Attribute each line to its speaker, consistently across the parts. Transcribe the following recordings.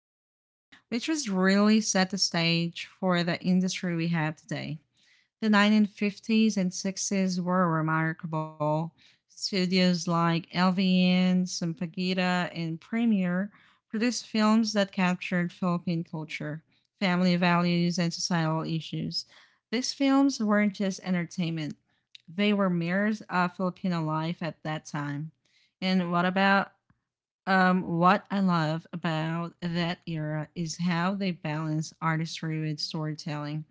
Speaker 1: age, which was really set the stage for the industry we have today. The 1950s and 60s were remarkable. Studios like LVN, Sampaguita, and Premiere produced films that captured Philippine culture, family values, and societal issues. These films weren't just entertainment, they were mirrors of Filipino life at that time. And what about What I love about that era is how they balance artistry with storytelling.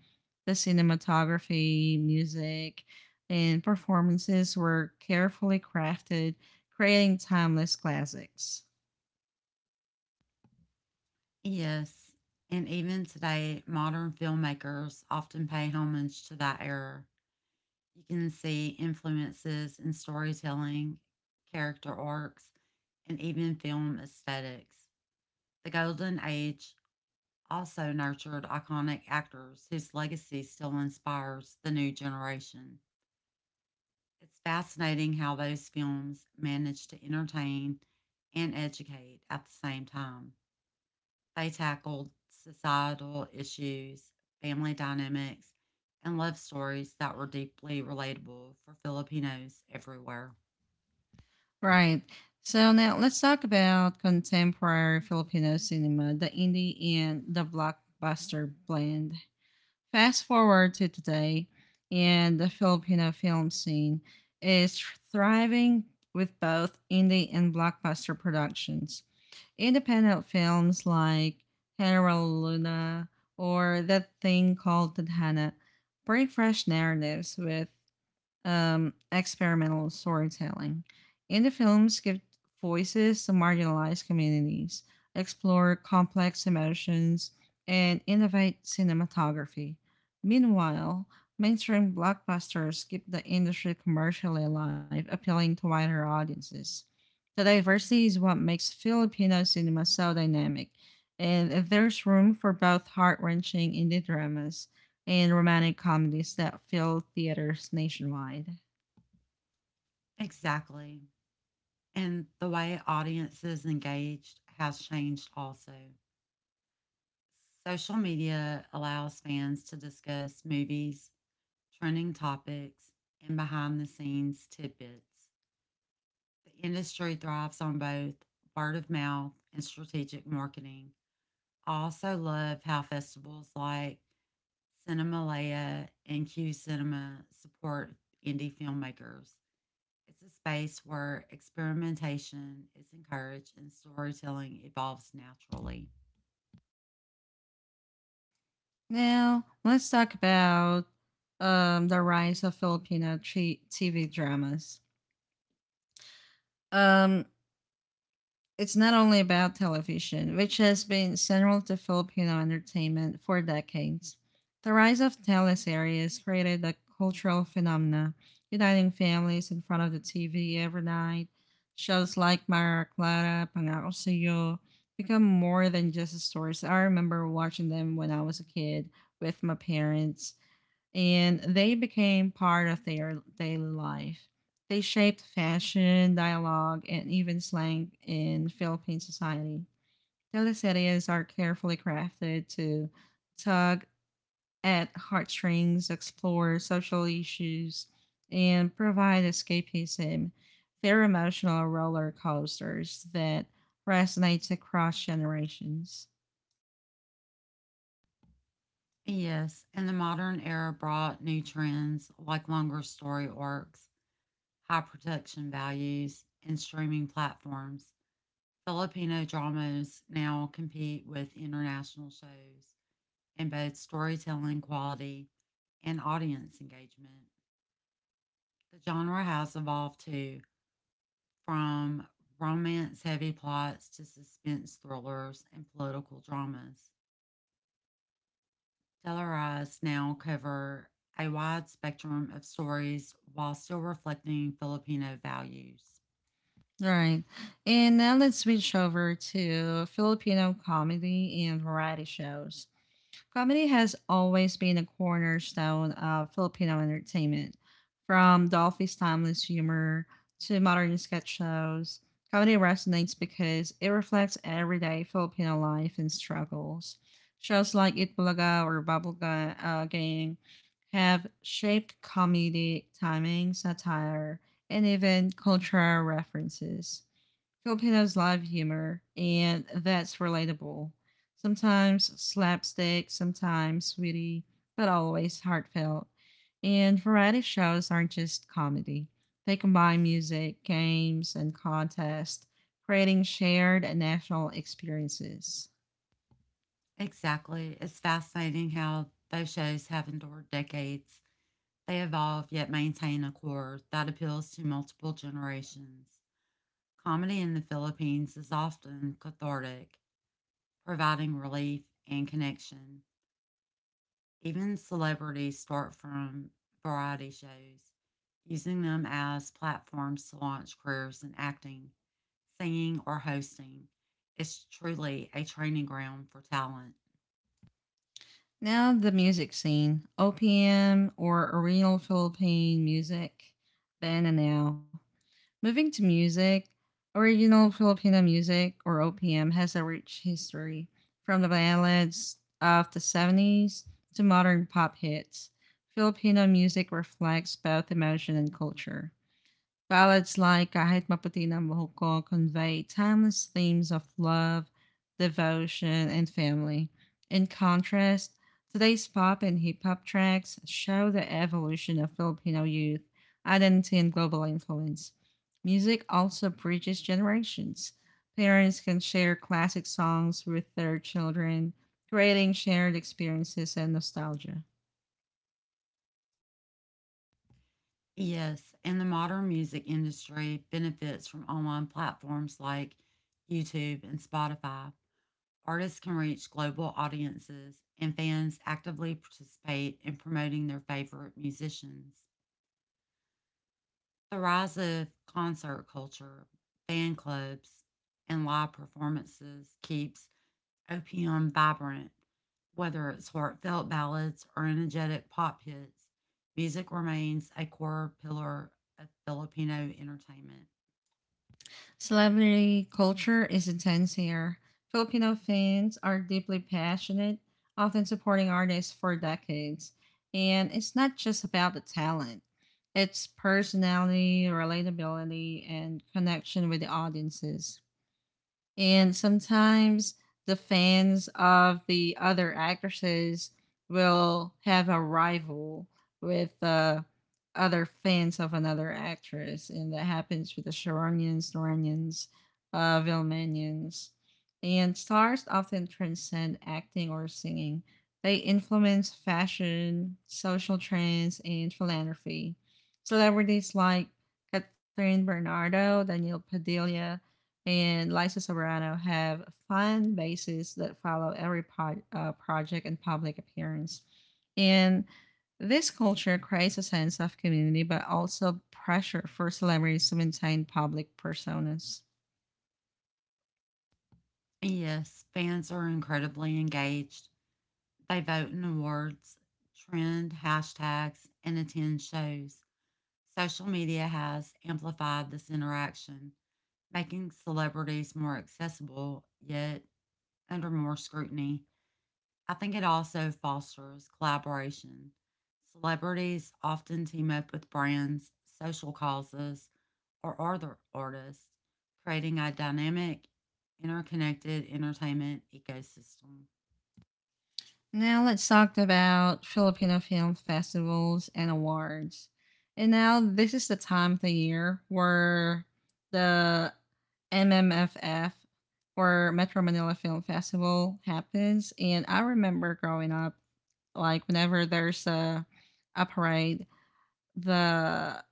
Speaker 1: The cinematography, music, and performances were carefully crafted, creating timeless classics.
Speaker 2: Yes, and even today, modern filmmakers often pay homage to that era. You can see influences in storytelling, character arcs, and even film aesthetics. The Golden Age also nurtured iconic actors whose legacy still inspires the new generation. It's fascinating how those films manage to entertain and educate at the same time. They tackled societal issues, family dynamics, and love stories that were deeply relatable for Filipinos everywhere.
Speaker 1: Right. So now let's talk about contemporary Filipino cinema, the indie and the blockbuster blend. Fast forward to today, and the Filipino film scene is thriving with both indie and blockbuster productions. Independent films like Hera Luna or That Thing Called Tadhana bring fresh narratives with experimental storytelling. Indie films give voices to marginalized communities, explore complex emotions, and innovate cinematography. Meanwhile, mainstream blockbusters keep the industry commercially alive, appealing to wider audiences. The diversity is what makes Filipino cinema so dynamic, and there's room for both heart wrenching indie dramas and romantic comedies that fill theaters nationwide.
Speaker 2: Exactly. And the way audiences engaged has changed also. Social media allows fans to discuss movies, trending topics, and behind the scenes tidbits. The industry thrives on both word of mouth and strategic marketing. I also love how festivals like Cinemalaya and Q Cinema support indie filmmakers. It's a space where experimentation is encouraged and storytelling evolves naturally.
Speaker 1: Now, let's talk about the rise of Filipino TV dramas. Um, it's not only about television, which has been central to Filipino entertainment for decades. The rise of teleseries created a cultural phenomena, uniting families in front of the TV every night. Shows like Mara Clara, Pangako Sa'yo, become more than just stories. I remember watching them when I was a kid with my parents, and they became part of their daily life. They shaped fashion, dialogue, and even slang in Philippine society. Teleseries are carefully crafted to tug at heartstrings, explore social issues, and provide escapism. They're emotional roller coasters that resonates across generations.
Speaker 2: Yes, and the modern era brought new trends like longer story arcs, high production values, and streaming platforms. Filipino dramas now compete with international shows in both storytelling quality and audience engagement. The genre has evolved too, from romance heavy plots to suspense thrillers and political dramas. Tellurize now cover a wide spectrum of stories while still reflecting Filipino values.
Speaker 1: Right. And now let's switch over to Filipino comedy and variety shows. Comedy has always been a cornerstone of Filipino entertainment. From Dolphy's timeless humor to modern sketch shows, comedy resonates because it reflects everyday Filipino life and struggles. Shows like It Bulaga or Bubblegum Gang have shaped comedic timing, satire, and even cultural references. Filipinos love humor, and that's relatable. Sometimes slapstick, sometimes sweetie, but always heartfelt. And variety shows aren't just comedy, they combine music, games, and contests, creating shared and national experiences.
Speaker 2: Exactly. It's fascinating how those shows have endured decades. They evolve yet maintain a core that appeals to multiple generations. Comedy in the Philippines is often cathartic, providing relief and connection. Even celebrities start from variety shows, using them as platforms to launch careers in acting, singing, or hosting. It's truly a training ground for talent.
Speaker 1: Now, the music scene, OPM, or Oriental Philippine music, then and now. Moving to music, original Filipino music or OPM has a rich history from the ballads of the 70s to modern pop hits. Filipino music reflects both emotion and culture. Ballads like Kahit Maputi na ang Buhok Ko convey timeless themes of love, devotion, and family. In contrast, today's pop and hip hop tracks show the evolution of Filipino youth, identity, and global influence. Music also bridges generations. Parents can share classic songs with their children, creating shared experiences and nostalgia.
Speaker 2: Yes, and the modern music industry benefits from online platforms like YouTube and Spotify. Artists can reach global audiences, and fans actively participate in promoting their favorite musicians. The rise of concert culture, fan clubs, and live performances keeps OPM vibrant. Whether it's heartfelt ballads or energetic pop hits, music remains a core pillar of Filipino entertainment.
Speaker 1: Celebrity culture is intense here. Filipino fans are deeply passionate, often supporting artists for decades. And it's not just about the talent, it's personality, relatability, and connection with the audiences. And sometimes the fans of the other actresses will have a rival with other fans of another actress. And that happens with the Sharonians, Noranians, Vilmanians. And stars often transcend acting or singing. They influence fashion, social trends, and philanthropy. Celebrities like Catherine Bernardo, Daniel Padilla, and Liza Sobrano have fun bases that follow every project and public appearance. And this culture creates a sense of community, but also pressure for celebrities to maintain public personas.
Speaker 2: And yes, fans are incredibly engaged. They vote in awards, trend hashtags, and attend shows. Social media has amplified this interaction, making celebrities more accessible, yet under more scrutiny. I think it also fosters collaboration. Celebrities often team up with brands, social causes, or other artists, creating a dynamic, interconnected entertainment ecosystem.
Speaker 1: Now let's talk about Filipino film festivals and awards. And now this is the time of the year where the MMFF or Metro Manila Film Festival happens. And I remember growing up, like whenever there's a parade, the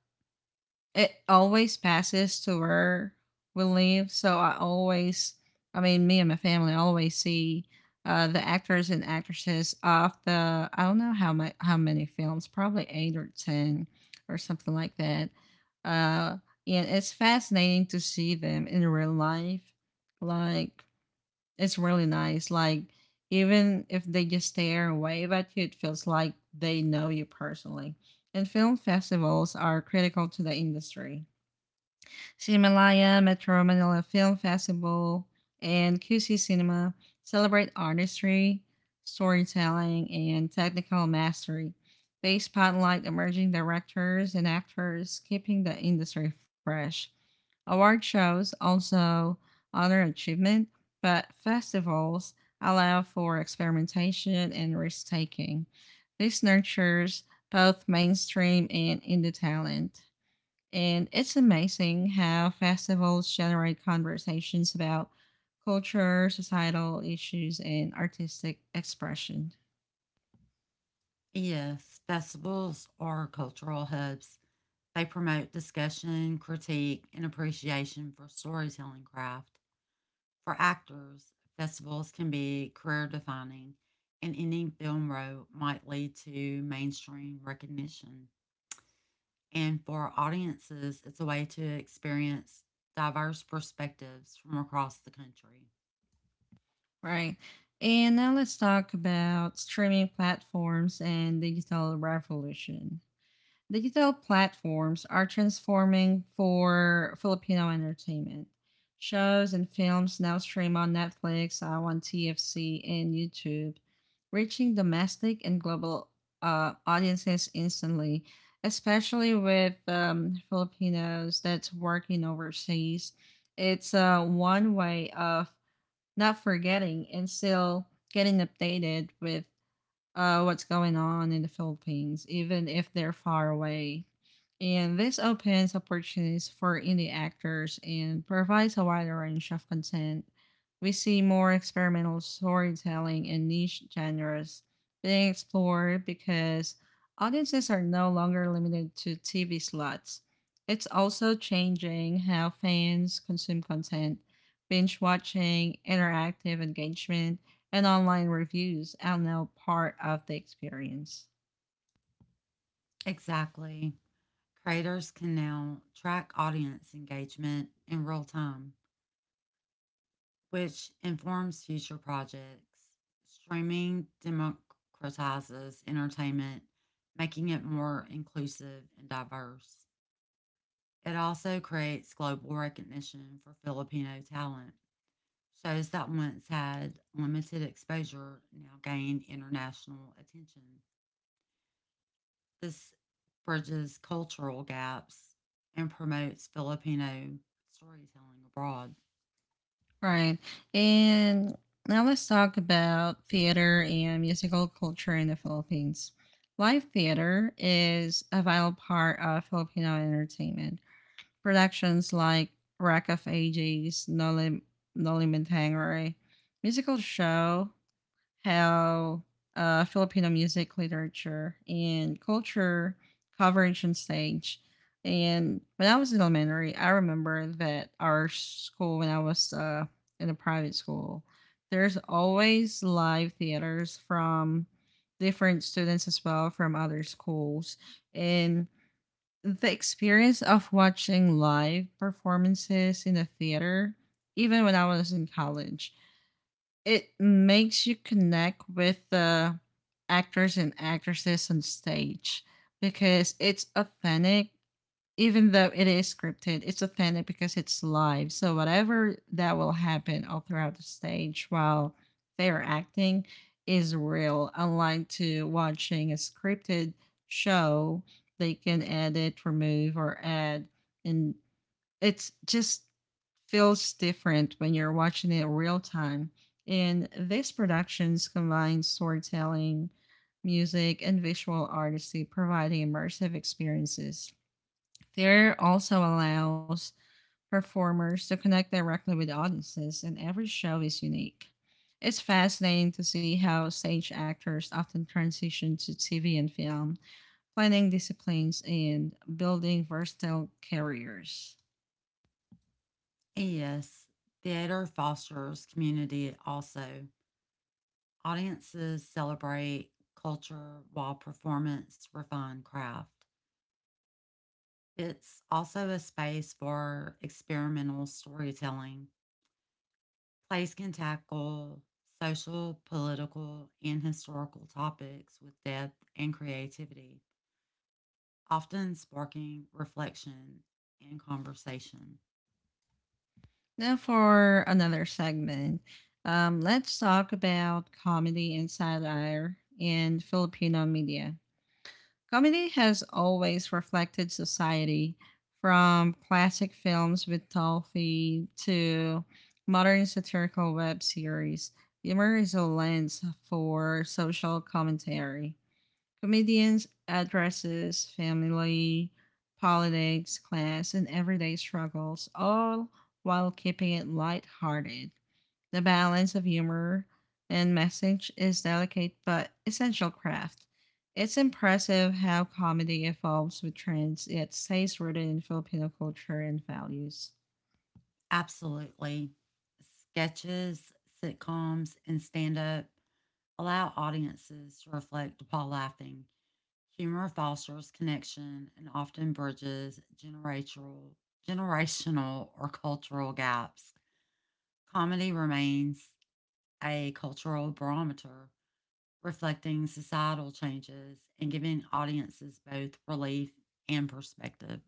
Speaker 1: it always passes to where we live. So I mean, me and my family always see the actors and actresses of the, I don't know how many films, probably eight or ten or something like that. Uh, and it's fascinating to see them in real life. Like it's really nice. Like even if they just stare and wave at you, it feels like they know you personally. And film festivals are critical to the industry. Cinemalaya, Metro Manila Film Festival, and QC Cinema celebrate artistry, storytelling, and technical mastery. They spotlight emerging directors and actors, keeping the industry fresh. Award shows also honor achievement, but festivals allow for experimentation and risk taking. This nurtures both mainstream and indie talent. And it's amazing how festivals generate conversations about culture, societal issues, and artistic expression.
Speaker 2: Yes, festivals are cultural hubs. They promote discussion, critique, and appreciation for storytelling craft. For actors, festivals can be career defining, and ending film row might lead to mainstream recognition. And for audiences, it's a way to experience diverse perspectives from across the country.
Speaker 1: Right. And now let's talk about streaming platforms and digital revolution. Digital platforms are transforming for Filipino entertainment. Shows and films now stream on Netflix, on TFC, and YouTube, reaching domestic and global audiences instantly, especially with Filipinos that's working overseas. It's one way of not forgetting and still getting updated with what's going on in the Philippines, even if they're far away. And this opens opportunities for indie actors and provides a wider range of content. We see more experimental storytelling and niche genres being explored because audiences are no longer limited to TV slots. It's also changing how fans consume content, binge watching, interactive engagement, and online reviews are now part of the experience.
Speaker 2: Exactly. Creators can now track audience engagement in real time, which informs future projects. Streaming democratizes entertainment, making it more inclusive and diverse. It also creates global recognition for Filipino talent. Shows that once had limited exposure now gain international attention. This bridges cultural gaps and promotes Filipino storytelling abroad.
Speaker 1: Right. And now let's talk about theater and musical culture in the Philippines. Live theater is a vital part of Filipino entertainment. Productions like Rack of Ages, Noli Mentangere, musical show, how Filipino music, literature, and culture coverage on stage. And when I was in elementary, I remember that our school, when I was in a private school, there's always live theaters from different students as well from other schools. And the experience of watching live performances in a theater, even when I was in college, it makes you connect with the actors and actresses on stage, because it's authentic. Even though it is scripted, it's authentic because it's live, so whatever that will happen all throughout the stage while they're acting is real, unlike to watching a scripted show. They can edit, remove, or add, and it's just feels different when you're watching it real time. And these productions combine storytelling, music, and visual artistry, providing immersive experiences. Theater also allows performers to connect directly with audiences, and every show is unique. It's fascinating to see how stage actors often transition to TV and film, blending disciplines and building versatile careers.
Speaker 2: And yes, theater fosters community also. Audiences celebrate culture while performance refine craft. It's also a space for experimental storytelling. Plays can tackle social, political, and historical topics with depth and creativity, often sparking reflection and conversation.
Speaker 1: Now for another segment. Let's talk about comedy and satire in Filipino media. Comedy has always reflected society, from classic films with Toffee to modern satirical web series. Humor is a lens for social commentary. Comedians addresses family, politics, class, and everyday struggles, all while keeping it lighthearted. The balance of humor and message is delicate but essential craft. It's impressive how comedy evolves with trends, yet stays rooted in Filipino culture and values.
Speaker 2: Absolutely. Sketches, sitcoms, and stand up allow audiences to reflect while laughing. Humor fosters connection and often bridges generational, generational or cultural gaps. Comedy remains a cultural barometer reflecting societal changes and giving audiences both relief and perspective.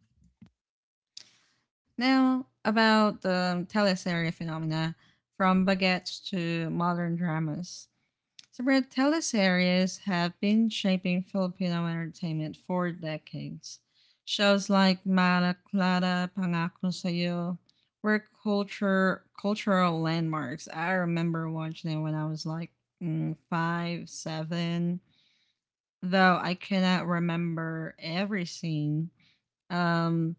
Speaker 1: Now, about the Teleserye phenomena, from baguettes to modern dramas. So, Brett, teleseries have been shaping Filipino entertainment for decades. Shows like Mara Clara, Pangako Sayo were cultural landmarks. I remember watching it when I was like five, seven, though I cannot remember every scene. Um,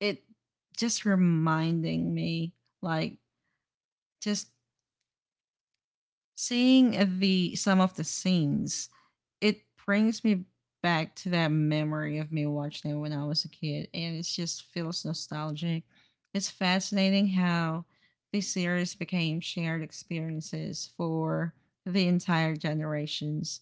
Speaker 1: it just reminding me, like, just seeing the some of the scenes, it brings me back to that memory of me watching it when I was a kid, and it just feels nostalgic. It's fascinating how the series became shared experiences for the entire generations.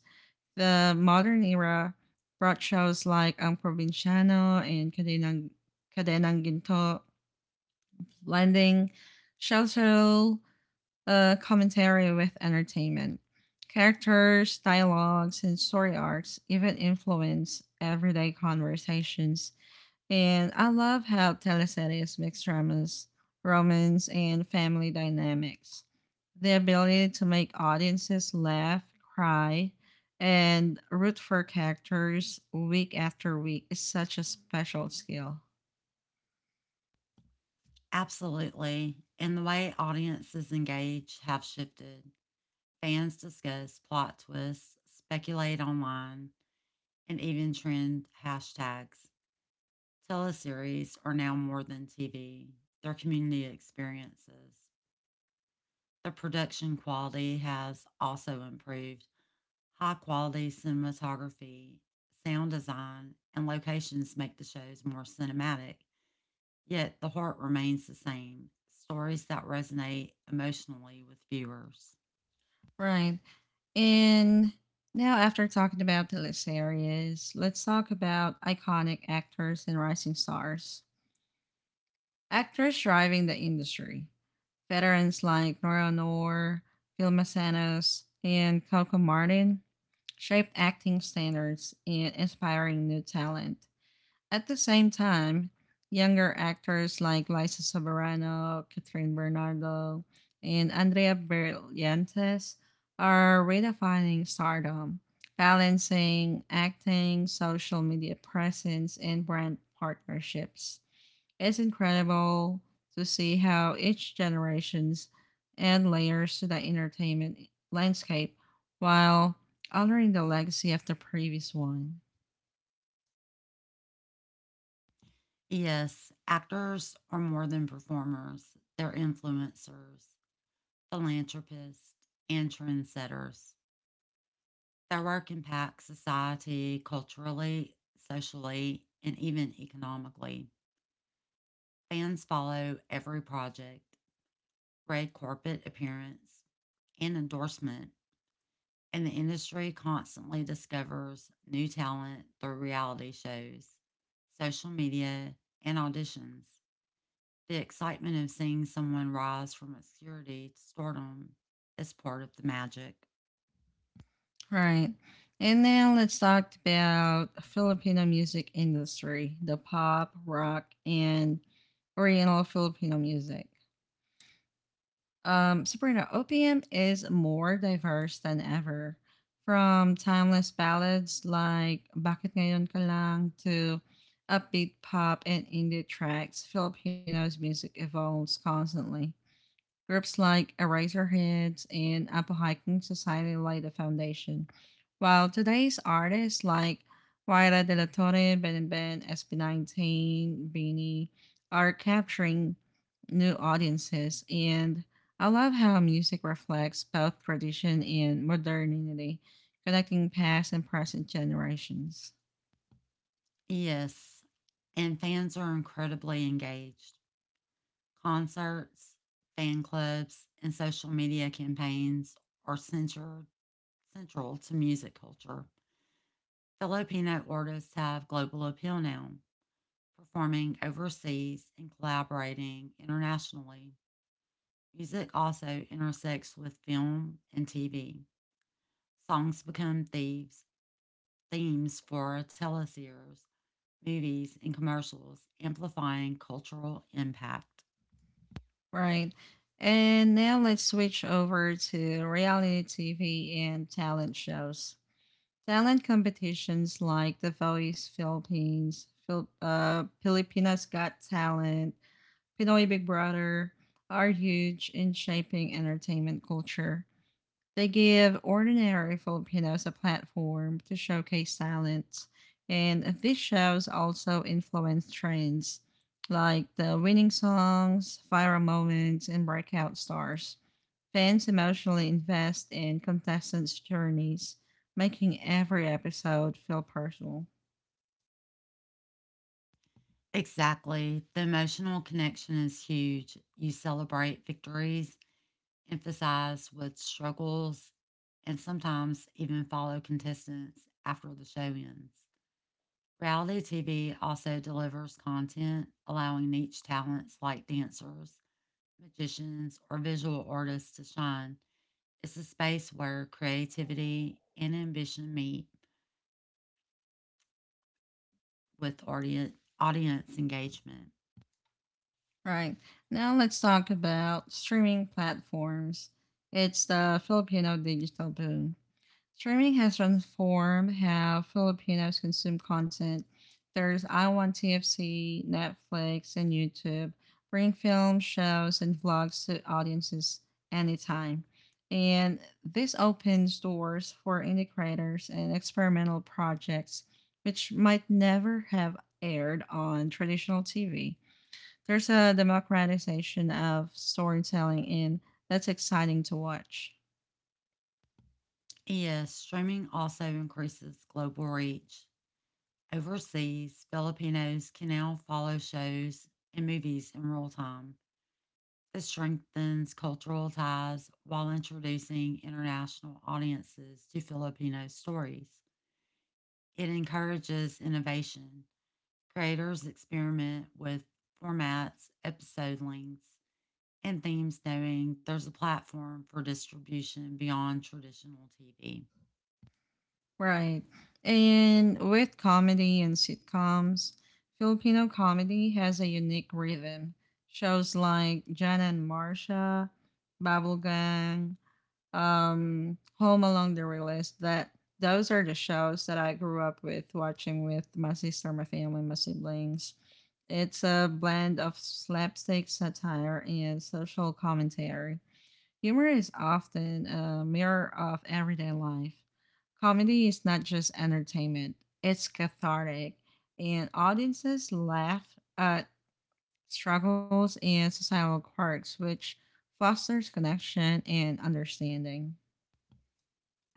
Speaker 1: The modern era brought shows like Ang Provinciano and Cadenang Ginto, blending cultural commentary with entertainment. Characters, dialogues, and story arcs even influence everyday conversations. And I love how teleseries mix dramas, romance, and family dynamics. The ability to make audiences laugh, cry, and root for characters week after week is such a special skill.
Speaker 2: Absolutely. And the way audiences engage have shifted. Fans discuss plot twists, speculate online, and even trend hashtags. Teleseries are now more than TV, they're community experiences. The production quality has also improved. High quality cinematography, sound design, and locations make the shows more cinematic, yet the heart remains the same stories that resonate emotionally with viewers.
Speaker 1: Right. And now, after talking about the list areas, let's talk about iconic actors and rising stars. Actors driving the industry. Veterans like Nora Noor, Phil Massanos, and Coco Martin shaped acting standards and inspiring new talent. At the same time, younger actors like Liza Soberano, Catherine Bernardo, and Andrea Brillantes are redefining stardom, balancing acting, social media presence, and brand partnerships. It's incredible to see how each generations add layers to the entertainment landscape while altering the legacy of the previous one.
Speaker 2: Yes, actors are more than performers, they're influencers, philanthropists, and trendsetters. Their work impacts society culturally, socially, and even economically. Fans follow every project, red carpet appearance, and endorsement, and the industry constantly discovers new talent through reality shows, social media, and auditions. The excitement of seeing someone rise from obscurity to stardom is part of the magic.
Speaker 1: Right. And now let's talk about Filipino music industry, the pop, rock, and oriental Filipino music. Sabrina, OPM is more diverse than ever. From timeless ballads like Bakit Ngayon Ka Lang to upbeat pop and indie tracks, Filipinos music evolves constantly. Groups like Eraserheads and Apple Hiking Society laid the foundation, while today's artists like Waira De La Torre, Ben and Ben, SB19, Beanie are capturing new audiences. And I love how music reflects both tradition and modernity, connecting past and present generations.
Speaker 2: Yes, and fans are incredibly engaged. Concerts, fan clubs, and social media campaigns are centered, central to music culture. Filipino artists have global appeal now, performing overseas and collaborating internationally. Music also intersects with film and TV. Songs become thieves, themes for teleseries, movies, and commercials, amplifying cultural impact.
Speaker 1: Right. And now let's switch over to reality TV and talent shows. Talent competitions like The Voice Philippines, Filipinas Got Talent, Pinoy Big Brother are huge in shaping entertainment culture. They give ordinary Filipinos a platform to showcase talent, and these shows also influence trends like the winning songs, viral moments, and breakout stars. Fans emotionally invest in contestants' journeys, making every episode feel personal.
Speaker 2: Exactly. The emotional connection is huge. You celebrate victories, emphasize with struggles, and sometimes even follow contestants after the show ends. Reality TV also delivers content allowing niche talents like dancers, magicians, or visual artists to shine. It's a space where creativity and ambition meet with audience engagement.
Speaker 1: Right. Now let's talk about streaming platforms. It's the Filipino digital boom. Streaming has transformed how Filipinos consume content. There's I Want TFC, Netflix, and YouTube, bringing films, shows, and vlogs to audiences anytime. And this opens doors for indie creators and experimental projects, which might never have aired on traditional TV. There's a democratization of storytelling, and that's exciting to watch.
Speaker 2: Yes, streaming also increases global reach. Overseas, Filipinos can now follow shows and movies in real time. It strengthens cultural ties while introducing international audiences to Filipino stories. It encourages innovation. Creators experiment with formats, episode lengths, and themes, knowing there's a platform for distribution beyond traditional TV.
Speaker 1: Right. And with comedy and sitcoms, Filipino comedy has a unique rhythm. Shows like Jana and Marsha, Babel Gang, Home Along the Realist, that those are the shows that I grew up with watching with my sister, my family, my siblings. It's a blend of slapstick satire and social commentary. Humor is often a mirror of everyday life. Comedy is not just entertainment, it's cathartic, and audiences laugh at struggles and societal quirks, which fosters connection and understanding.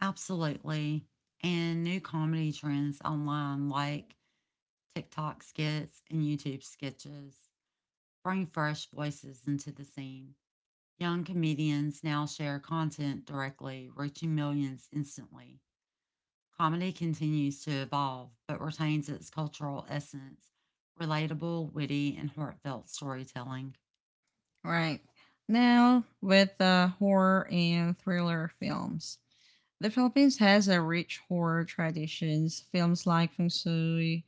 Speaker 2: Absolutely. And new comedy trends online like TikTok skits and YouTube sketches bring fresh voices into the scene. Young comedians now share content directly, reaching millions instantly. Comedy continues to evolve, but retains its cultural essence relatable, witty, and heartfelt storytelling.
Speaker 1: Right. Now, with the horror and thriller films. The Philippines has a rich horror traditions. Films like Feng Shui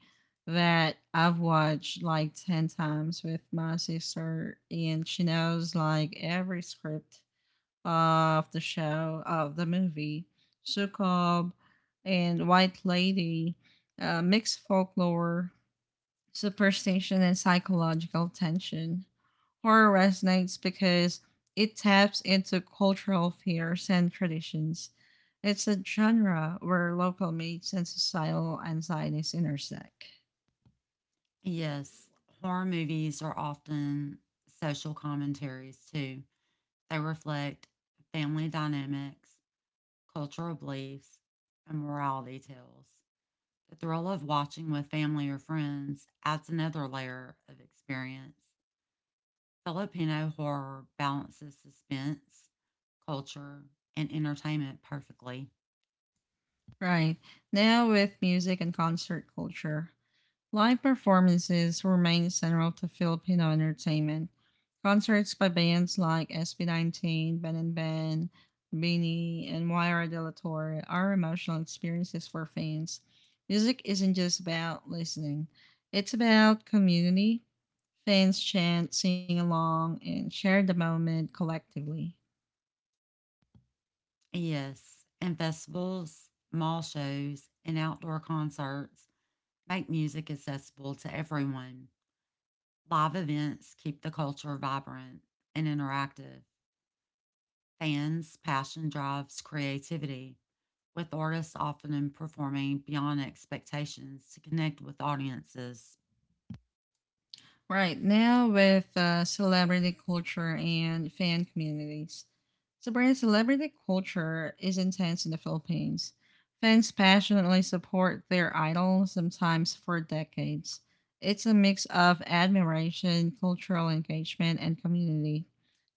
Speaker 1: that I've watched like 10 times with my sister, and she knows like every script of the show of the movie. Sukob and White Lady mix folklore, superstition and psychological tension, horror resonates because it taps into cultural fears and traditions. It's a genre where local myths and societal anxieties intersect.
Speaker 2: Yes, horror movies are often social commentaries too. They reflect family dynamics, cultural beliefs, and morality tales. The thrill of watching with family or friends adds another layer of experience. Filipino horror balances suspense, culture, and entertainment perfectly.
Speaker 1: Right. Now, with music and concert culture, live performances remain central to Filipino entertainment. Concerts by bands like SB19, Ben and Ben, Beanie, and Moira de la Torre are emotional experiences for fans. Music isn't just about listening, it's about community. Fans chant, sing along, and share the moment collectively.
Speaker 2: Yes, and festivals, mall shows, and outdoor concerts make music accessible to everyone. Live events keep the culture vibrant and interactive. Fans' passion drives creativity, with artists often performing beyond expectations to connect with audiences.
Speaker 1: Right, now, with celebrity culture and fan communities. Sabrina, celebrity culture is intense in the Philippines. Fans passionately support their idols, sometimes for decades. It's a mix of admiration, cultural engagement, and community.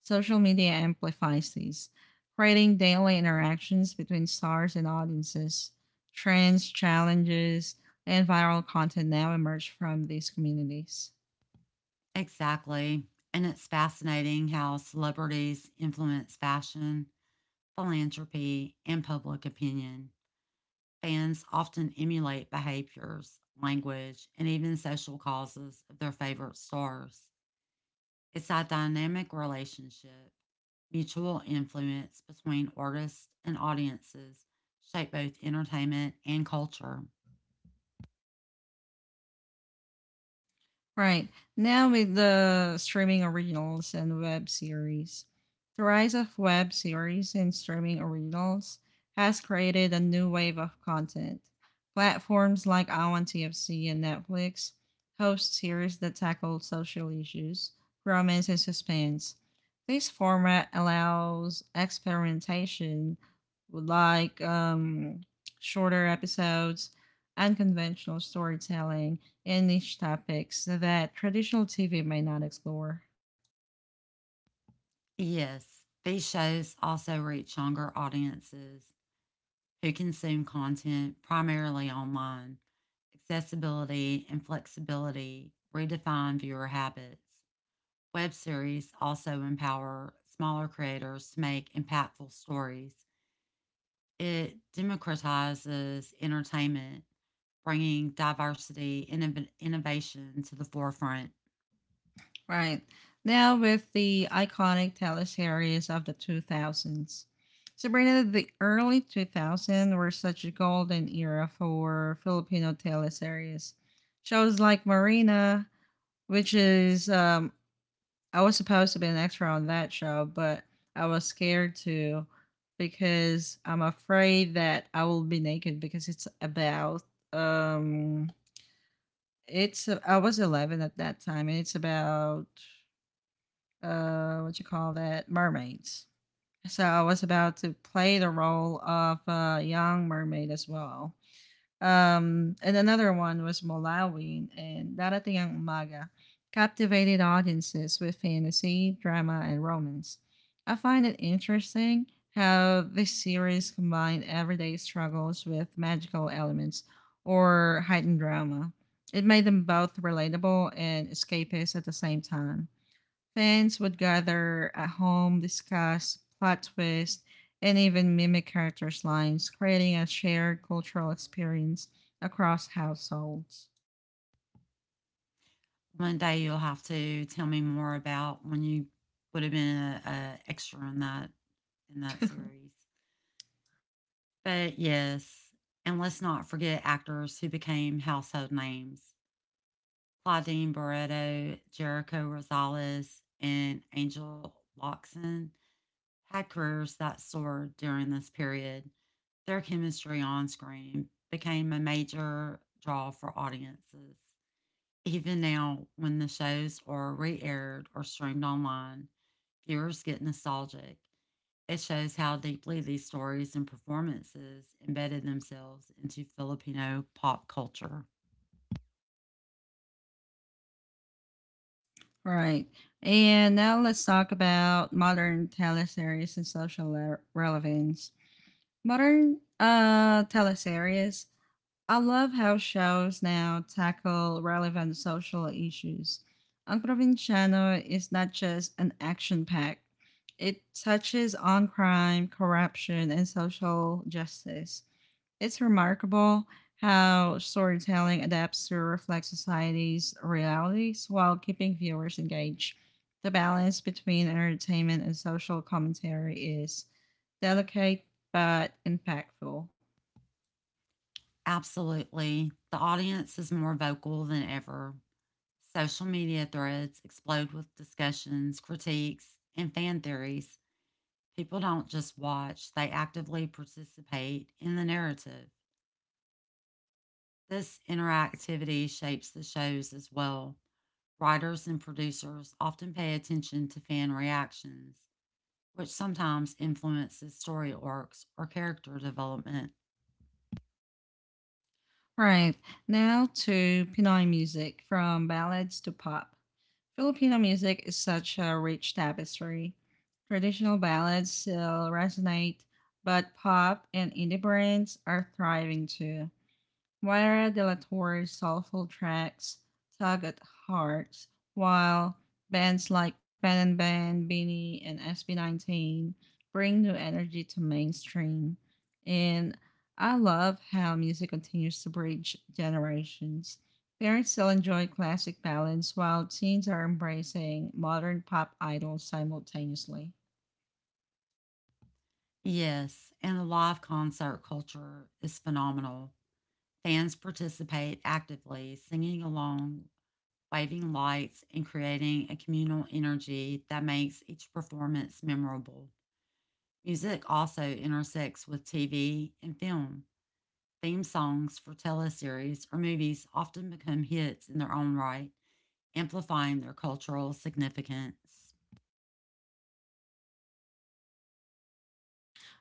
Speaker 1: Social media amplifies these, creating daily interactions between stars and audiences. Trends, challenges, and viral content now emerge from these communities.
Speaker 2: Exactly. And it's fascinating how celebrities influence fashion, philanthropy, and public opinion. Fans often emulate behaviors, language, and even social causes of their favorite stars. It's a dynamic relationship. Mutual influence between artists and audiences shape both entertainment and culture.
Speaker 1: Right. Now with the streaming originals and web series. The rise of web series and streaming originals has created a new wave of content. Platforms like Iwan TFC and Netflix host series that tackle social issues, romance, and suspense. This format allows experimentation with shorter episodes, unconventional storytelling, and niche topics that traditional TV may not explore.
Speaker 2: Yes, these shows also reach younger audiences who consume content primarily online. Accessibility and flexibility redefine viewer habits. Web series also empower smaller creators to make impactful stories. It democratizes entertainment, bringing diversity and innovation to the forefront.
Speaker 1: Right. Now, with the iconic teleseries of the 2000s. Sabrina, the early 2000s were such a golden era for Filipino teleseries. Shows like Marina, which is, um, I was supposed to be an extra on that show, but I was scared to because I'm afraid that I will be naked because it's about um It's I was 11 at that time, and it's about what you call that, mermaids. So I was about to play the role of a young mermaid as well. And another one was Molawin and Darating ang Umaga, captivated audiences with fantasy, drama, and romance. I find it interesting how this series combined everyday struggles with magical elements or heightened drama. It made them both relatable and escapist at the same time. Fans would gather at home, discuss plot twists, and even mimic characters' lines, creating a shared cultural experience across households.
Speaker 2: One day you'll have to tell me more about when you would have been an extra in that series. But yes, and let's not forget actors who became household names Claudine Barreto, Jericho Rosales, and Angel Loxon had careers that soared during this period. Their chemistry on screen became a major draw for audiences. Even now, when the shows are re aired or streamed online, viewers get nostalgic. It shows how deeply these stories and performances embedded themselves into Filipino pop culture.
Speaker 1: Right. And now let's talk about modern teleseries and social relevance. Modern teleseries, I love how shows now tackle relevant social issues. Ang Provinciano is not just an action pack, it touches on crime, corruption, and social justice. It's remarkable how storytelling adapts to reflect society's realities while keeping viewers engaged. The balance between entertainment and social commentary is delicate but impactful.
Speaker 2: Absolutely. The audience is more vocal than ever. Social media threads explode with discussions, critiques, and fan theories. People don't just watch, they actively participate in the narrative. This interactivity shapes the shows as well. Writers and producers often pay attention to fan reactions which sometimes influences story arcs or character development.
Speaker 1: Right. Now to Pinoy music, from ballads to pop. Filipino music is such a rich tapestry. Traditional ballads still resonate, but pop and indie brands are thriving too. Moira de la Torre's soulful tracks tug at hearts, while bands like Ben and Ben, Beanie, and SB19 bring new energy to mainstream. And I love how music continues to bridge generations. Parents still enjoy classic ballads while teens are embracing modern pop idols simultaneously.
Speaker 2: Yes, and the live concert culture is phenomenal. Fans participate actively, singing along, waving lights, and creating a communal energy that makes each performance memorable. Music also intersects with TV and film. Theme songs for teleseries or movies often become hits in their own right, amplifying their cultural significance.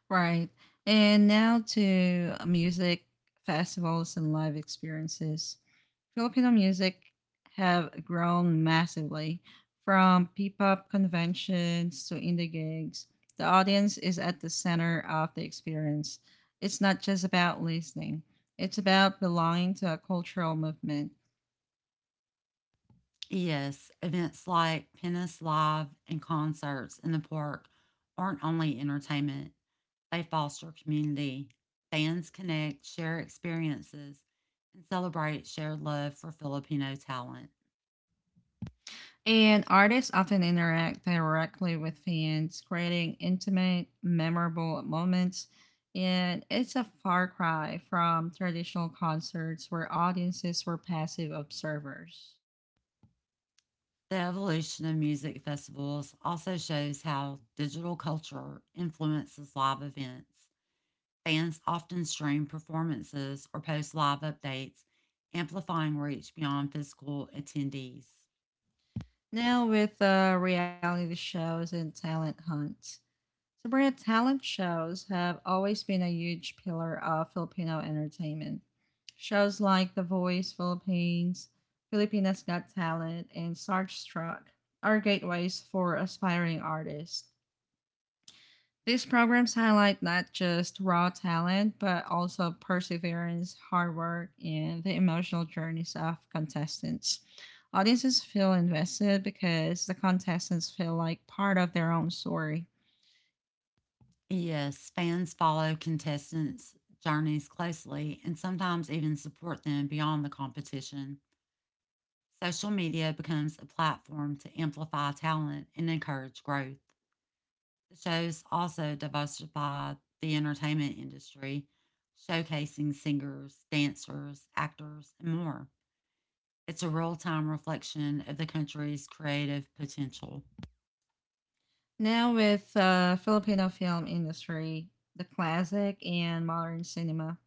Speaker 1: Right. And now to music festivals and live experiences. Filipino music have grown massively from P-pop conventions to indie gigs. The audience is at the center of the experience. It's not just about listening. It's about belonging to a cultural movement.
Speaker 2: Yes, events like Pennis Live and concerts in the park aren't only entertainment, they foster community. Fans connect, share experiences, and celebrate shared love for Filipino talent.
Speaker 1: And artists often interact directly with fans, creating intimate, memorable moments. And it's a far cry from traditional concerts where audiences were passive observers.
Speaker 2: The evolution of music festivals also shows how digital culture influences live events. Fans often stream performances or post live updates, amplifying reach beyond physical attendees.
Speaker 1: Now, with reality shows and talent hunts, Sabrina, talent shows have always been a huge pillar of Filipino entertainment. Shows like The Voice Philippines, Filipinas Got Talent, and Starstruck are gateways for aspiring artists. These programs highlight not just raw talent, but also perseverance, hard work, and the emotional journeys of contestants. Audiences feel invested because the contestants feel like part of their own story.
Speaker 2: Yes, fans follow contestants' journeys closely and sometimes even support them beyond the competition. Social media becomes a platform to amplify talent and encourage growth. The shows also diversify the entertainment industry, showcasing singers, dancers, actors, and more. It's a real time reflection of the country's creative potential.
Speaker 1: Now with Filipino film industry, the classic and modern cinema.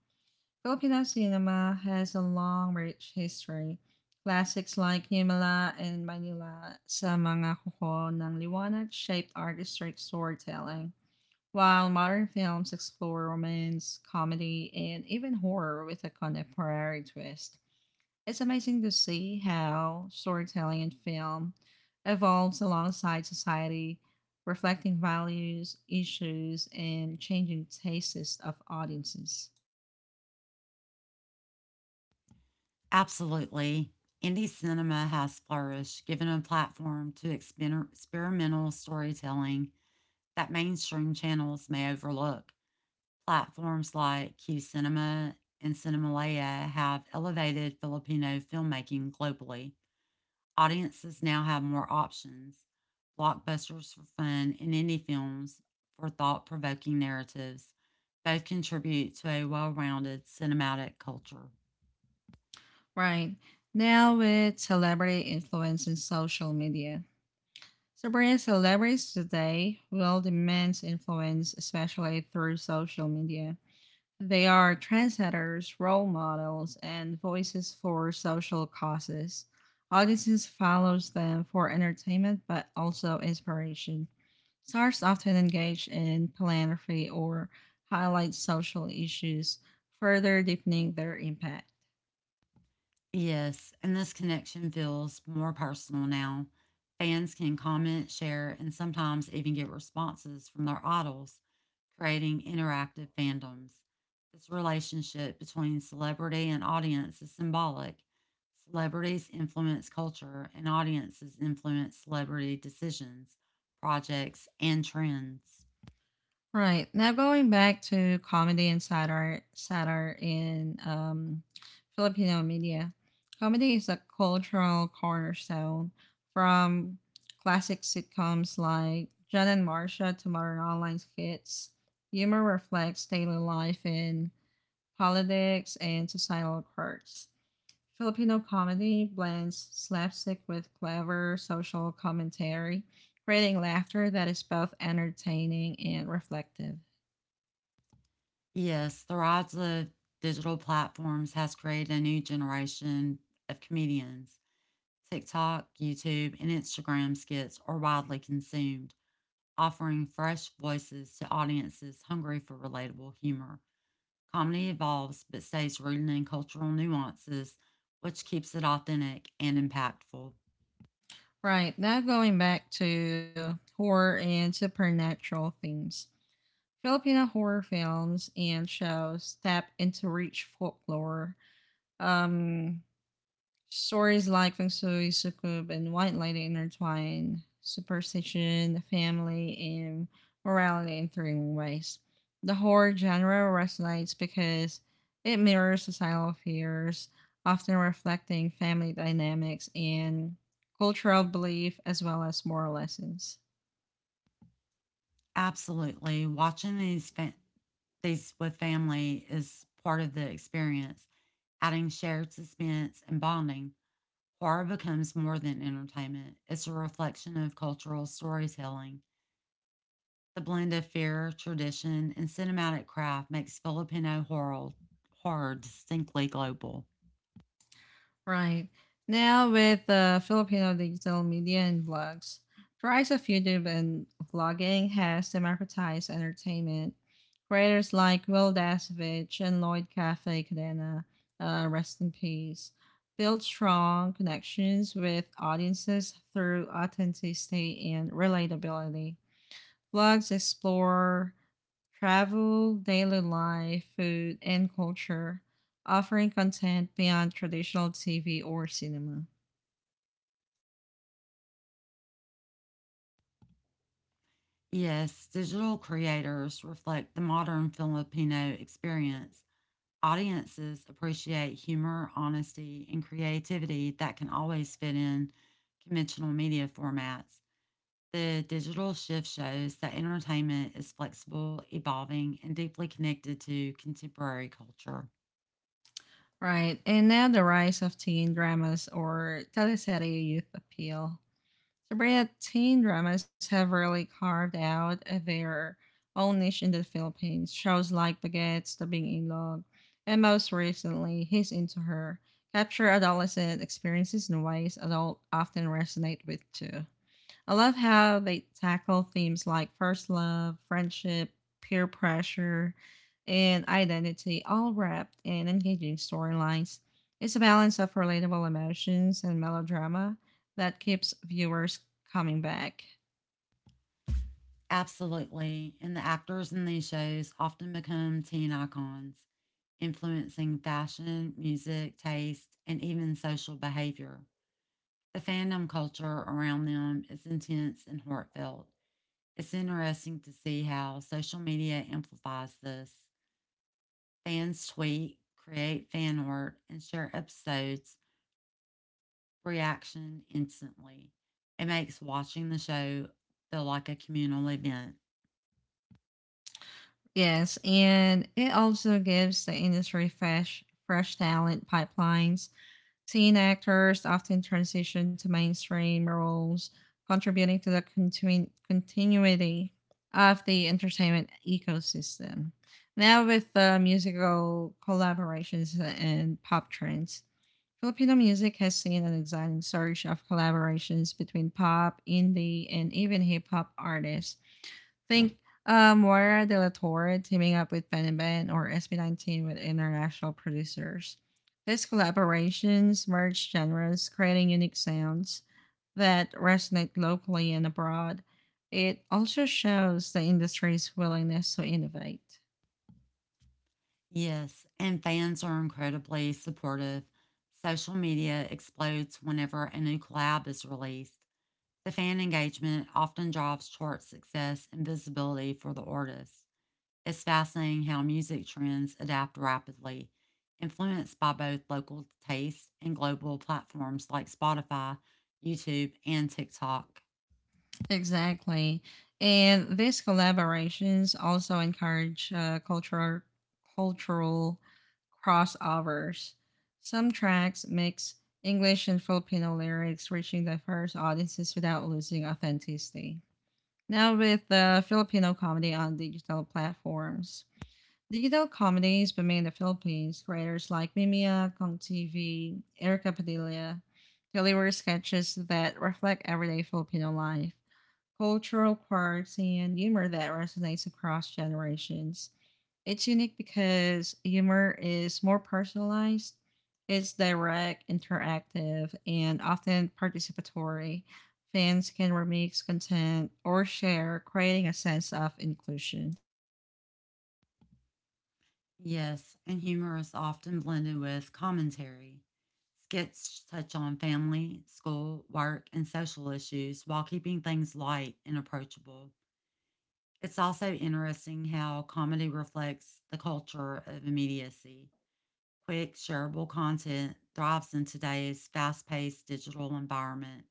Speaker 1: Filipino cinema has a long, rich history. Classics like Himala and Manila sa mga kuko ng liwanag shaped artistic storytelling, while modern films explore romance, comedy, and even horror with a contemporary twist. It's amazing to see how storytelling in film evolves alongside society, reflecting values, issues, and changing tastes of audiences.
Speaker 2: Absolutely. Indie cinema has flourished, giving a platform to experimental storytelling that mainstream channels may overlook. Platforms like Q Cinema and Cinemalaya have elevated Filipino filmmaking globally. Audiences now have more options blockbusters for fun and indie films for thought provoking narratives. Both contribute to a well rounded cinematic culture.
Speaker 1: Right. Now with celebrity influence in social media. So Sabrina, celebrities today will demand influence, especially through social media. They are trendsetters, role models, and voices for social causes. Audiences follows them for entertainment but also inspiration. Stars often engage in philanthropy or highlight social issues, further deepening their impact.
Speaker 2: Yes, and this connection feels more personal now. Fans can comment, share, and sometimes even get responses from their idols, creating interactive fandoms. This relationship between celebrity and audience is symbolic. Celebrities influence culture, and audiences influence celebrity decisions, projects, and trends.
Speaker 1: Right. Now going back to comedy and satire in Filipino media. Comedy is a cultural cornerstone, from classic sitcoms like John and Marcia to modern online skits. Humor reflects daily life in politics and societal quirks. Filipino comedy blends slapstick with clever social commentary, creating laughter that is both entertaining and reflective.
Speaker 2: Yes, the rise of digital platforms has created a new generation of comedians TikTok, YouTube, and Instagram skits are widely consumed, offering fresh voices to audiences hungry for relatable humor. Comedy evolves but stays rooted in cultural nuances, which keeps it authentic and impactful.
Speaker 1: Right, now going back to horror and supernatural themes. Filipino horror films and shows tap into rich folklore. um, Stories like Feng Shui, Sukub, and White Lady intertwine superstition, family, and morality in thrilling ways. The horror genre resonates because it mirrors societal fears, often reflecting family dynamics and cultural belief as well as moral lessons.
Speaker 2: Absolutely, watching these with family is part of the experience, adding shared suspense and bonding. Horror becomes more than entertainment; it's a reflection of cultural storytelling. The blend of fear, tradition, and cinematic craft makes Filipino horror distinctly global.
Speaker 1: Right. Now with Filipino digital media and vlogs, the rise of YouTube and vlogging has democratized entertainment. Creators like Will Dasovich and Lloyd Cafe Cadena, rest in peace, built strong connections with audiences through authenticity and relatability. Vlogs explore travel, daily life, food, and culture, offering content beyond traditional TV or cinema.
Speaker 2: Yes, digital creators reflect the modern Filipino experience. Audiences appreciate humor, honesty, and creativity that can always fit in conventional media formats. The digital shift shows that entertainment is flexible, evolving, and deeply connected to contemporary culture.
Speaker 1: Right, and now the rise of teen dramas or teleserie youth appeal. Sabrina, teen dramas have really carved out their own niche in the Philippines. Shows like Baguette's The Being in Love, and most recently, He's Into Her, capture adolescent experiences in ways adults often resonate with too. I love how they tackle themes like first love, friendship, peer pressure, and identity, all wrapped in engaging storylines. It's a balance of relatable emotions and melodrama that keeps viewers coming back.
Speaker 2: Absolutely. And the actors in these shows often become teen icons, influencing fashion, music, taste, and even social behavior. The fandom culture around them is intense and heartfelt. It's interesting to see how social media amplifies this. Fans tweet, create fan art, and share episodes reaction instantly. It makes watching the show feel like a communal event.
Speaker 1: Yes, and it also gives the industry fresh talent pipelines. Teen actors often transition to mainstream roles, contributing to the continuity of the entertainment ecosystem. Now, with the musical collaborations and pop trends, Filipino music has seen an exciting surge of collaborations between pop, indie, and even hip hop artists. Think, Moira de la Torre teaming up with Ben and Ben or SB19 with international producers. These collaborations merge genres, creating unique sounds that resonate locally and abroad. It also shows the industry's willingness to innovate.
Speaker 2: Yes, and fans are incredibly supportive. Social media explodes whenever a new collab is released. The fan engagement often drives chart success and visibility for the artist. It's fascinating how music trends adapt rapidly, influenced by both local tastes and global platforms like Spotify, YouTube, and TikTok.
Speaker 1: Exactly. And these collaborations also encourage cultural crossovers. Some tracks mix English and Filipino lyrics, reaching diverse audiences without losing authenticity. Now, with the Filipino comedy on digital platforms, digital comedies but made in the Philippines, creators like Mimia, Kong TV, Erica Padilla deliver sketches that reflect everyday Filipino life, cultural quirks, and humor that resonates across generations. It's unique because humor is more personalized, it's direct, interactive, and often participatory. Fans can remix content or share, creating a sense of inclusion.
Speaker 2: Yes, and humor is often blended with commentary. Skits touch on family, school, work, and social issues while keeping things light and approachable. It's also interesting how comedy reflects the culture of immediacy. Quick, shareable content thrives in today's fast paced digital environment.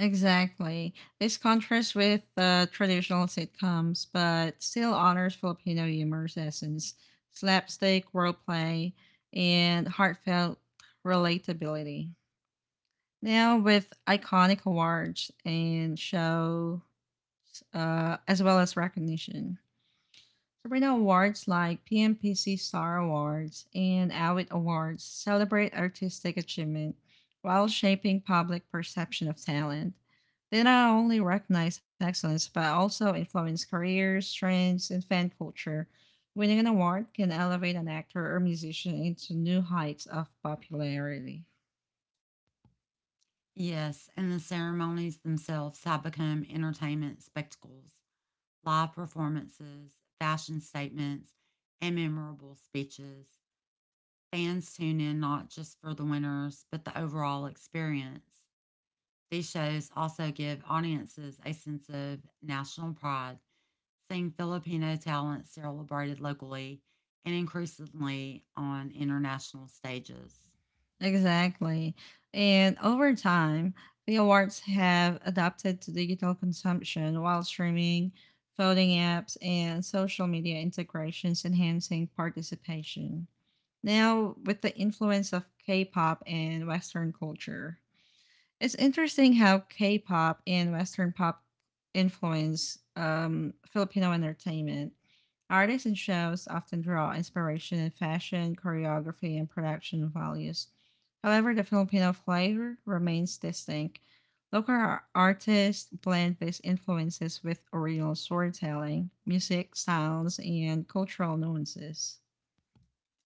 Speaker 1: Exactly. This contrasts with traditional sitcoms, but still honors Filipino humor's essence, slapstick, wordplay, and heartfelt relatability. Now, with iconic awards and shows, as well as recognition. So Sabrina, Awards like PMPC Star Awards and Awit Awards celebrate artistic achievement while shaping public perception of talent. They not only recognize excellence but also influence careers, trends, and fan culture. Winning an award can elevate an actor or musician into new heights of popularity.
Speaker 2: Yes, and the ceremonies themselves have become entertainment spectacles. Live performances, fashion statements, and memorable speeches. Fans tune in not just for the winners, but the overall experience. These shows also give audiences a sense of national pride, seeing Filipino talent celebrated locally and increasingly on international stages.
Speaker 1: Exactly. And over time, the awards have adapted to digital consumption while streaming, voting apps, and social media integrations enhancing participation. Now, with the influence of K pop and Western culture. It's interesting how K-pop and Western pop influence Filipino entertainment. Artists and shows often draw inspiration in fashion, choreography, and production values. However, the Filipino flavor remains distinct. Local artists blend these influences with original storytelling, music, sounds, and cultural nuances.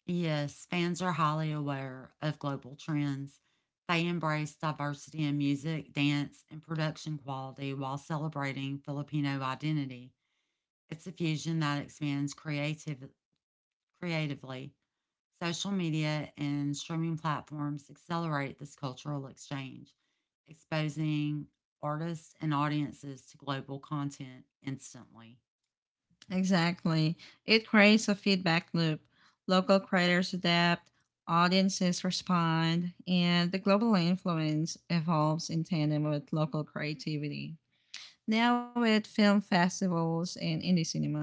Speaker 2: Yes, fans are highly aware of global trends. They embrace diversity in music, dance, and production quality while celebrating Filipino identity. It's a fusion that expands creatively. Social media and streaming platforms accelerate this cultural exchange, exposing artists and audiences to global content instantly.
Speaker 1: Exactly. It creates a feedback loop. Local creators adapt, audiences respond, and the global influence evolves in tandem with local creativity. Now, with film festivals and indie cinema,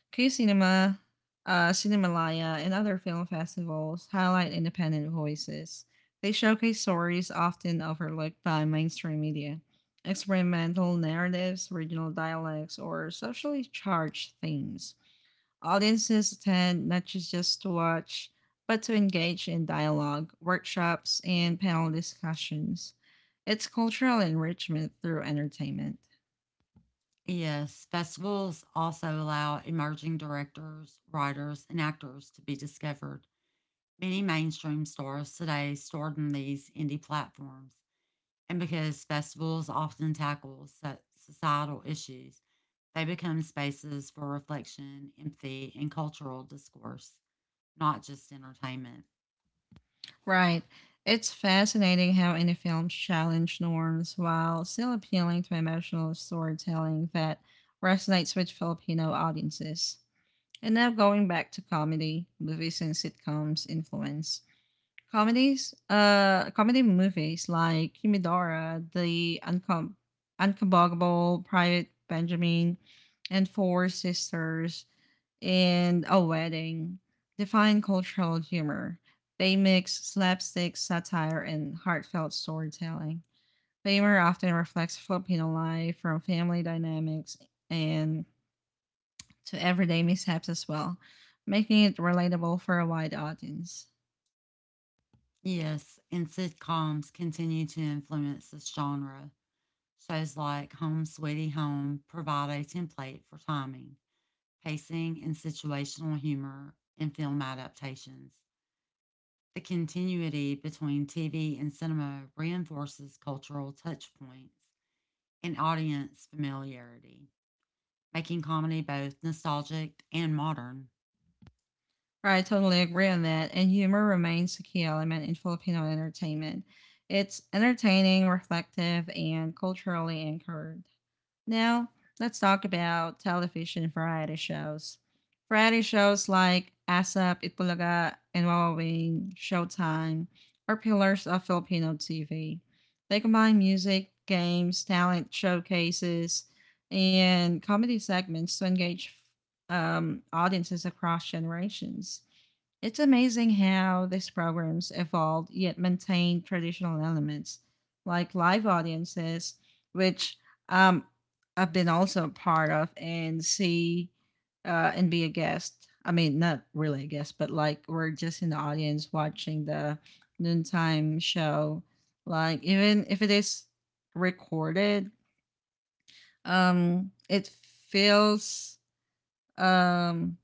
Speaker 1: Q Cinema, Cinemalaya, and other film festivals highlight independent voices. They showcase stories often overlooked by mainstream media, experimental narratives, regional dialects, or socially charged themes. Audiences attend not just to watch, but to engage in dialogue, workshops, and panel discussions. It's cultural enrichment through entertainment.
Speaker 2: Yes, festivals also allow emerging directors, writers, and actors to be discovered. Many mainstream stars today starred in these indie platforms, and because festivals often tackle societal issues, they become spaces for reflection, empathy, and cultural discourse, not just entertainment.
Speaker 1: Right. It's fascinating how indie films challenge norms while still appealing to emotional storytelling that resonates with Filipino audiences. And now going back to comedy, movies and sitcoms influence. Comedy movies like Kimidora, Uncombable Private Benjamin, and Four Sisters in a Wedding define cultural humor. They mix slapstick, satire, and heartfelt storytelling. Humor often reflects Filipino life from family dynamics and to everyday mishaps as well, making it relatable for a wide audience.
Speaker 2: Yes, and sitcoms continue to influence this genre. Shows like Home Sweetie Home provide a template for timing pacing, and situational humor in film adaptations. The continuity between TV and cinema reinforces cultural touchpoints and audience familiarity, making comedy both nostalgic and modern.
Speaker 1: I totally agree on that, and humor remains a key element in Filipino entertainment. It's entertaining, reflective, and culturally anchored. Now, let's talk about television variety shows. Variety shows like ASAP, Itbulaga, and Wawa Wing Showtime are pillars of Filipino TV. They combine music, games, talent showcases, and comedy segments to engage audiences across generations. It's amazing how these programs evolved yet maintained traditional elements, like live audiences, which um, I've been also a part of and see and be a guest. I mean, not really a guest, but like we're just in the audience watching the noontime show. Like even if it is recorded, it feels um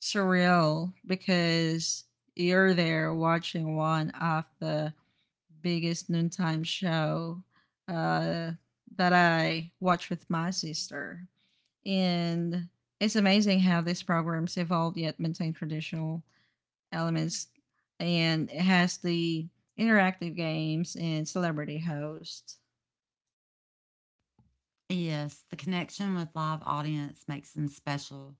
Speaker 1: surreal because you're there watching one of the biggest noontime show uh, that I watch with my sister, and it's amazing how these programs evolved yet maintain traditional elements, and it has the interactive games and celebrity hosts.
Speaker 2: Yes, the connection with live audience makes them special.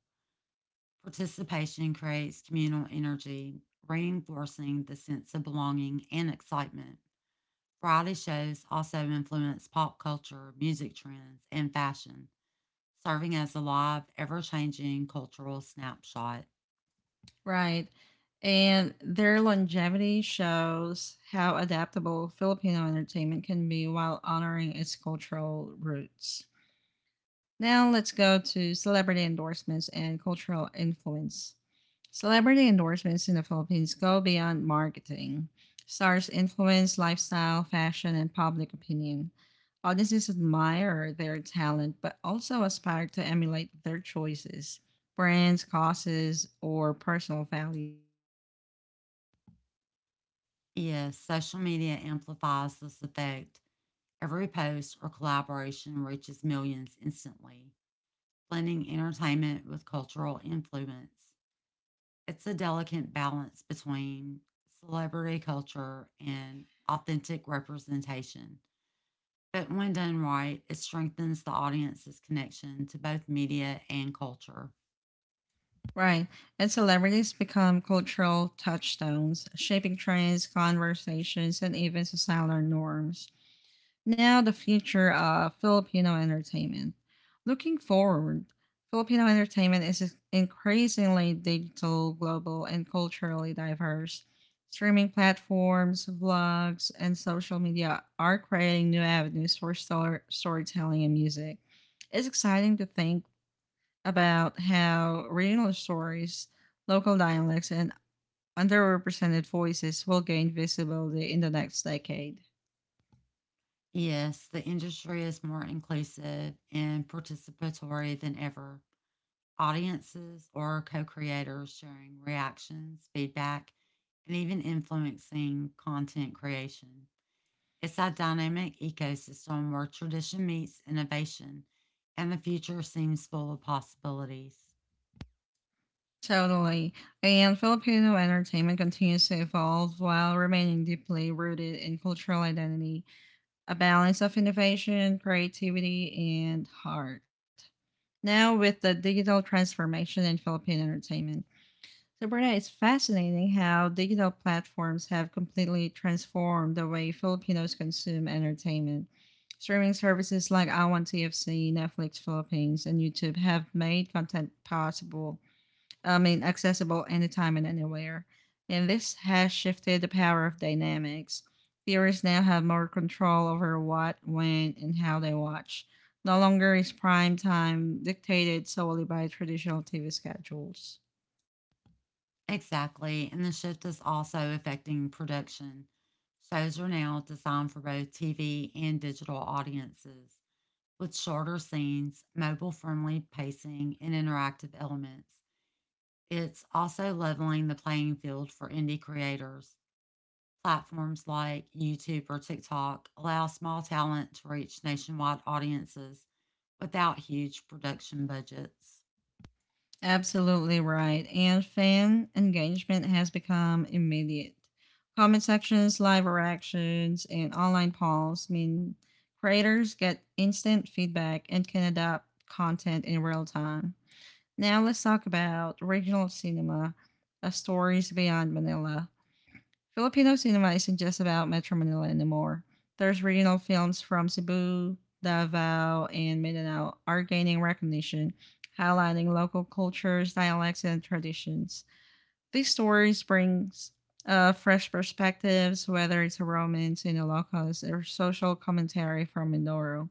Speaker 2: Participation creates communal energy, reinforcing the sense of belonging and excitement. Variety shows also influence pop culture, music trends, and fashion serving as a live, ever changing cultural snapshot.
Speaker 1: Right. And their longevity shows how adaptable Filipino entertainment can be while honoring its cultural roots. Now let's go to celebrity endorsements and cultural influence. Celebrity endorsements in the Philippines go beyond marketing. Stars influence lifestyle, fashion, and public opinion. Audiences admire their talent but also aspire to emulate their choices, brands, causes, or personal values.
Speaker 2: Yes, social media amplifies this effect. Every post or collaboration reaches millions instantly, blending entertainment with cultural influence. It's a delicate balance between celebrity culture and authentic representation. But when done right, it strengthens the audience's connection to both media and culture.
Speaker 1: Right. And celebrities become cultural touchstones, shaping trends, conversations, and even societal norms. Now, the future of Filipino entertainment. Looking forward, Filipino entertainment is increasingly digital, global, and culturally diverse. Streaming platforms, vlogs, and social media are creating new avenues for storytelling and music. It's exciting to think about how regional stories, local dialects, and underrepresented voices will gain visibility in the next decade.
Speaker 2: Yes, the industry is more inclusive and participatory than ever. Audiences or co creators sharing reactions, feedback, and even influencing content creation. It's a dynamic ecosystem where tradition meets innovation and the future seems full of possibilities.
Speaker 1: Totally. And Filipino entertainment continues to evolve while remaining deeply rooted in cultural identity. A balance of innovation, creativity, and heart. Now, with the digital transformation in Philippine entertainment, so Bruna, it's fascinating how digital platforms have completely transformed the way Filipinos consume entertainment. Streaming services like I Want TFC, Netflix Philippines, and YouTube have made content accessible anytime and anywhere. And this has shifted the power of dynamics. Viewers now have more control over what, when, and how they watch. No longer is prime time dictated solely by traditional TV schedules.
Speaker 2: Exactly, and the shift is also affecting production. Shows are now designed for both TV and digital audiences with shorter scenes, mobile friendly pacing, and interactive elements. It's also leveling the playing field for indie creators. Platforms like YouTube or TikTok allow small talent to reach nationwide audiences without huge production budgets.
Speaker 1: Absolutely right. And fan engagement has become immediate. Comment sections, live reactions, and online polls mean creators get instant feedback and can adapt content in real time. Now let's talk about regional cinema, stories beyond Manila. Filipino cinema isn't just about Metro Manila anymore. There's regional films from Cebu, Davao, and Mindanao are gaining recognition, highlighting local cultures, dialects, and traditions. These stories brings fresh perspectives, whether it's a romance in the locals or social commentary from Mindoro.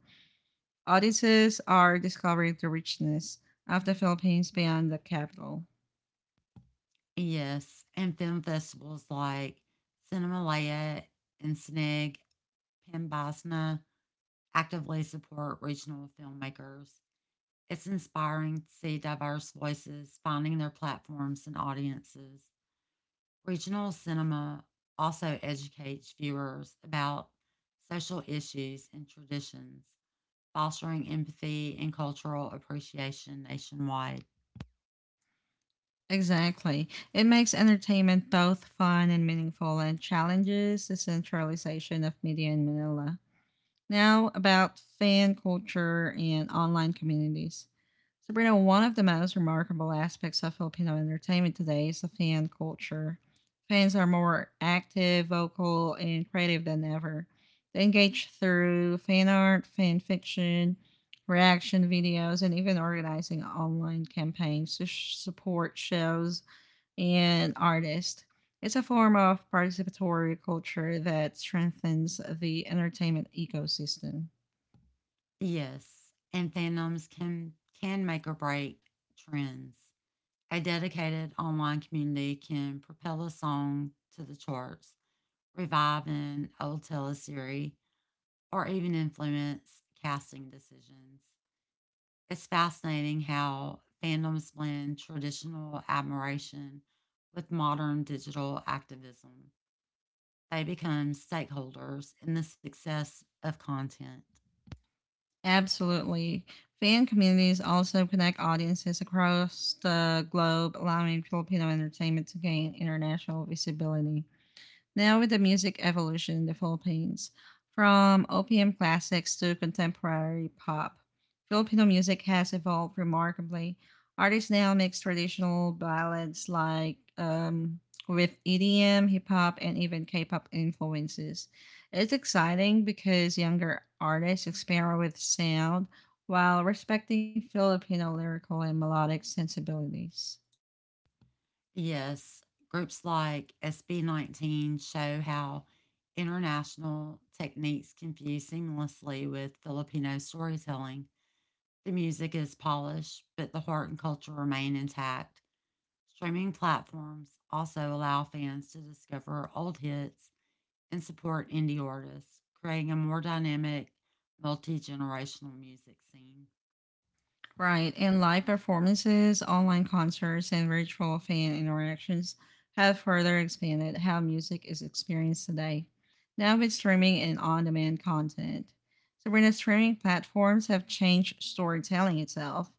Speaker 1: Audiences are discovering the richness of the Philippines beyond the capital.
Speaker 2: Yes, and film festivals like Cinemalaya and SNIG, Pembasna actively support regional filmmakers. It's inspiring to see diverse voices finding their platforms and audiences. Regional cinema also educates viewers about social issues and traditions, fostering empathy and cultural appreciation nationwide.
Speaker 1: Exactly. It makes entertainment both fun and meaningful and challenges the centralization of media in Manila. Now, about fan culture and online communities. Sabrina, one of the most remarkable aspects of Filipino entertainment today is the fan culture. Fans are more active, vocal, and creative than ever. They engage through fan art, fan fiction, reaction videos, and even organizing online campaigns to support shows and artists. It's a form of participatory culture that strengthens the entertainment ecosystem.
Speaker 2: Yes, and fandoms can make or break trends. A dedicated online community can propel a song to the charts, revive an old teleseries, or even influence casting decisions. It's fascinating how fandoms blend traditional admiration with modern digital activism. They become stakeholders in the success of content.
Speaker 1: Absolutely. Fan communities also connect audiences across the globe, allowing Filipino entertainment to gain international visibility. Now, with the music evolution in the Philippines, from OPM classics to contemporary pop, Filipino music has evolved remarkably. Artists now mix traditional ballads like with EDM, hip hop, and even K pop influences. It's exciting because younger artists experiment with sound while respecting Filipino lyrical and melodic sensibilities.
Speaker 2: Yes, groups like SB19 show how international techniques can fuse seamlessly with Filipino storytelling. The music is polished, but the heart and culture remain intact. Streaming platforms also allow fans to discover old hits and support indie artists, creating a more dynamic, multi generational music scene.
Speaker 1: Right, and live performances, online concerts, and virtual fan interactions have further expanded how music is experienced today, now with streaming and on demand content. So, when the streaming platforms have changed storytelling itself,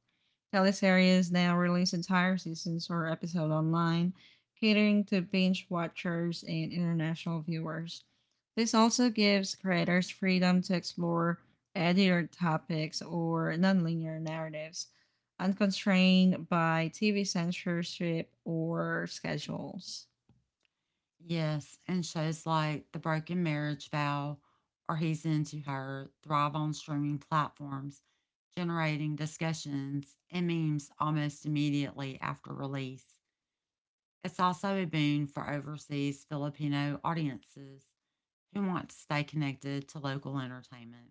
Speaker 1: teleseries now release entire seasons or episodes online, catering to binge watchers and international viewers. This also gives creators freedom to explore editored topics or nonlinear narratives, unconstrained by TV censorship or schedules.
Speaker 2: Yes, and shows like The Broken Marriage Vow or He's Into Her thrive on streaming platforms, generating discussions and memes almost immediately after release. It's also a boon for overseas Filipino audiences who want to stay connected to local entertainment.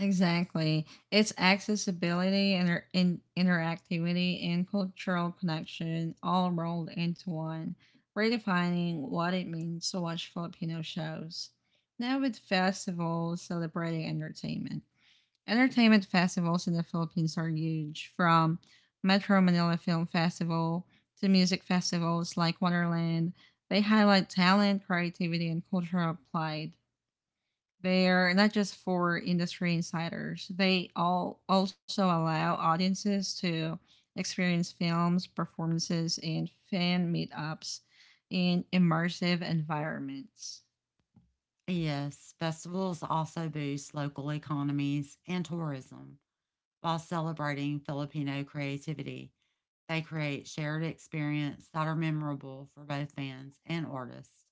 Speaker 1: Exactly. Its accessibility and interactivity and cultural connection all rolled into one, redefining what it means to watch Filipino shows. Now with festivals celebrating entertainment, entertainment festivals in the Philippines are huge, from Metro Manila Film Festival to music festivals like Wonderland. They highlight talent, creativity, and cultural pride. They're not just for industry insiders. They all also allow audiences to experience films, performances, and fan meetups in immersive environments.
Speaker 2: Yes, festivals also boost local economies and tourism while celebrating Filipino creativity. They create shared experiences that are memorable for both fans and artists.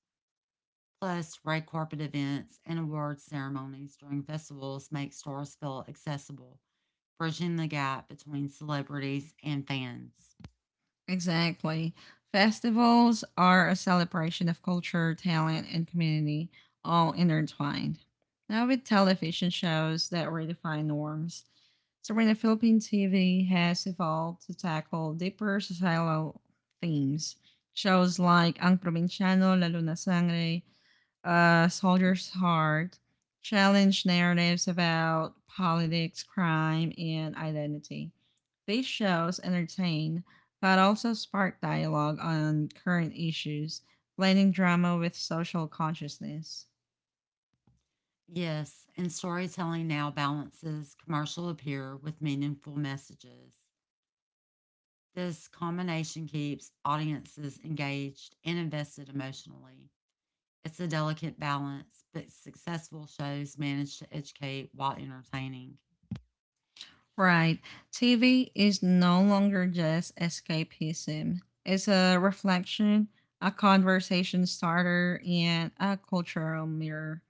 Speaker 2: Plus, red carpet events and award ceremonies during festivals make stars feel accessible, bridging the gap between celebrities and fans.
Speaker 1: Exactly. Festivals are a celebration of culture, talent, and community, all intertwined. Now, with television shows that redefine norms, Serena Philippine TV has evolved to tackle deeper societal themes. Shows like Ang Provinciano, La Luna Sangre, Soldier's Heart challenged narratives about politics, crime, and identity. These shows entertain but also spark dialogue on current issues, blending drama with social consciousness.
Speaker 2: Yes, and storytelling now balances commercial appeal with meaningful messages. This combination keeps audiences engaged and invested emotionally. It's a delicate balance, but successful shows manage to educate while entertaining.
Speaker 1: Right, TV is no longer just escapism, it's a reflection, a conversation starter, and a cultural mirror.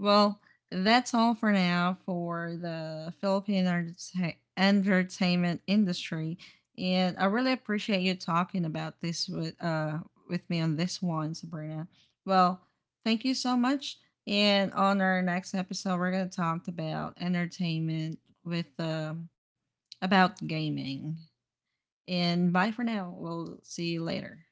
Speaker 1: Well, that's all for now for the Philippine entertainment industry, and I really appreciate you talking about this with me on this one, Sabrina. Well, thank you so much. And on our next episode, we're gonna talk about entertainment with about gaming. And bye for now. We'll see you later.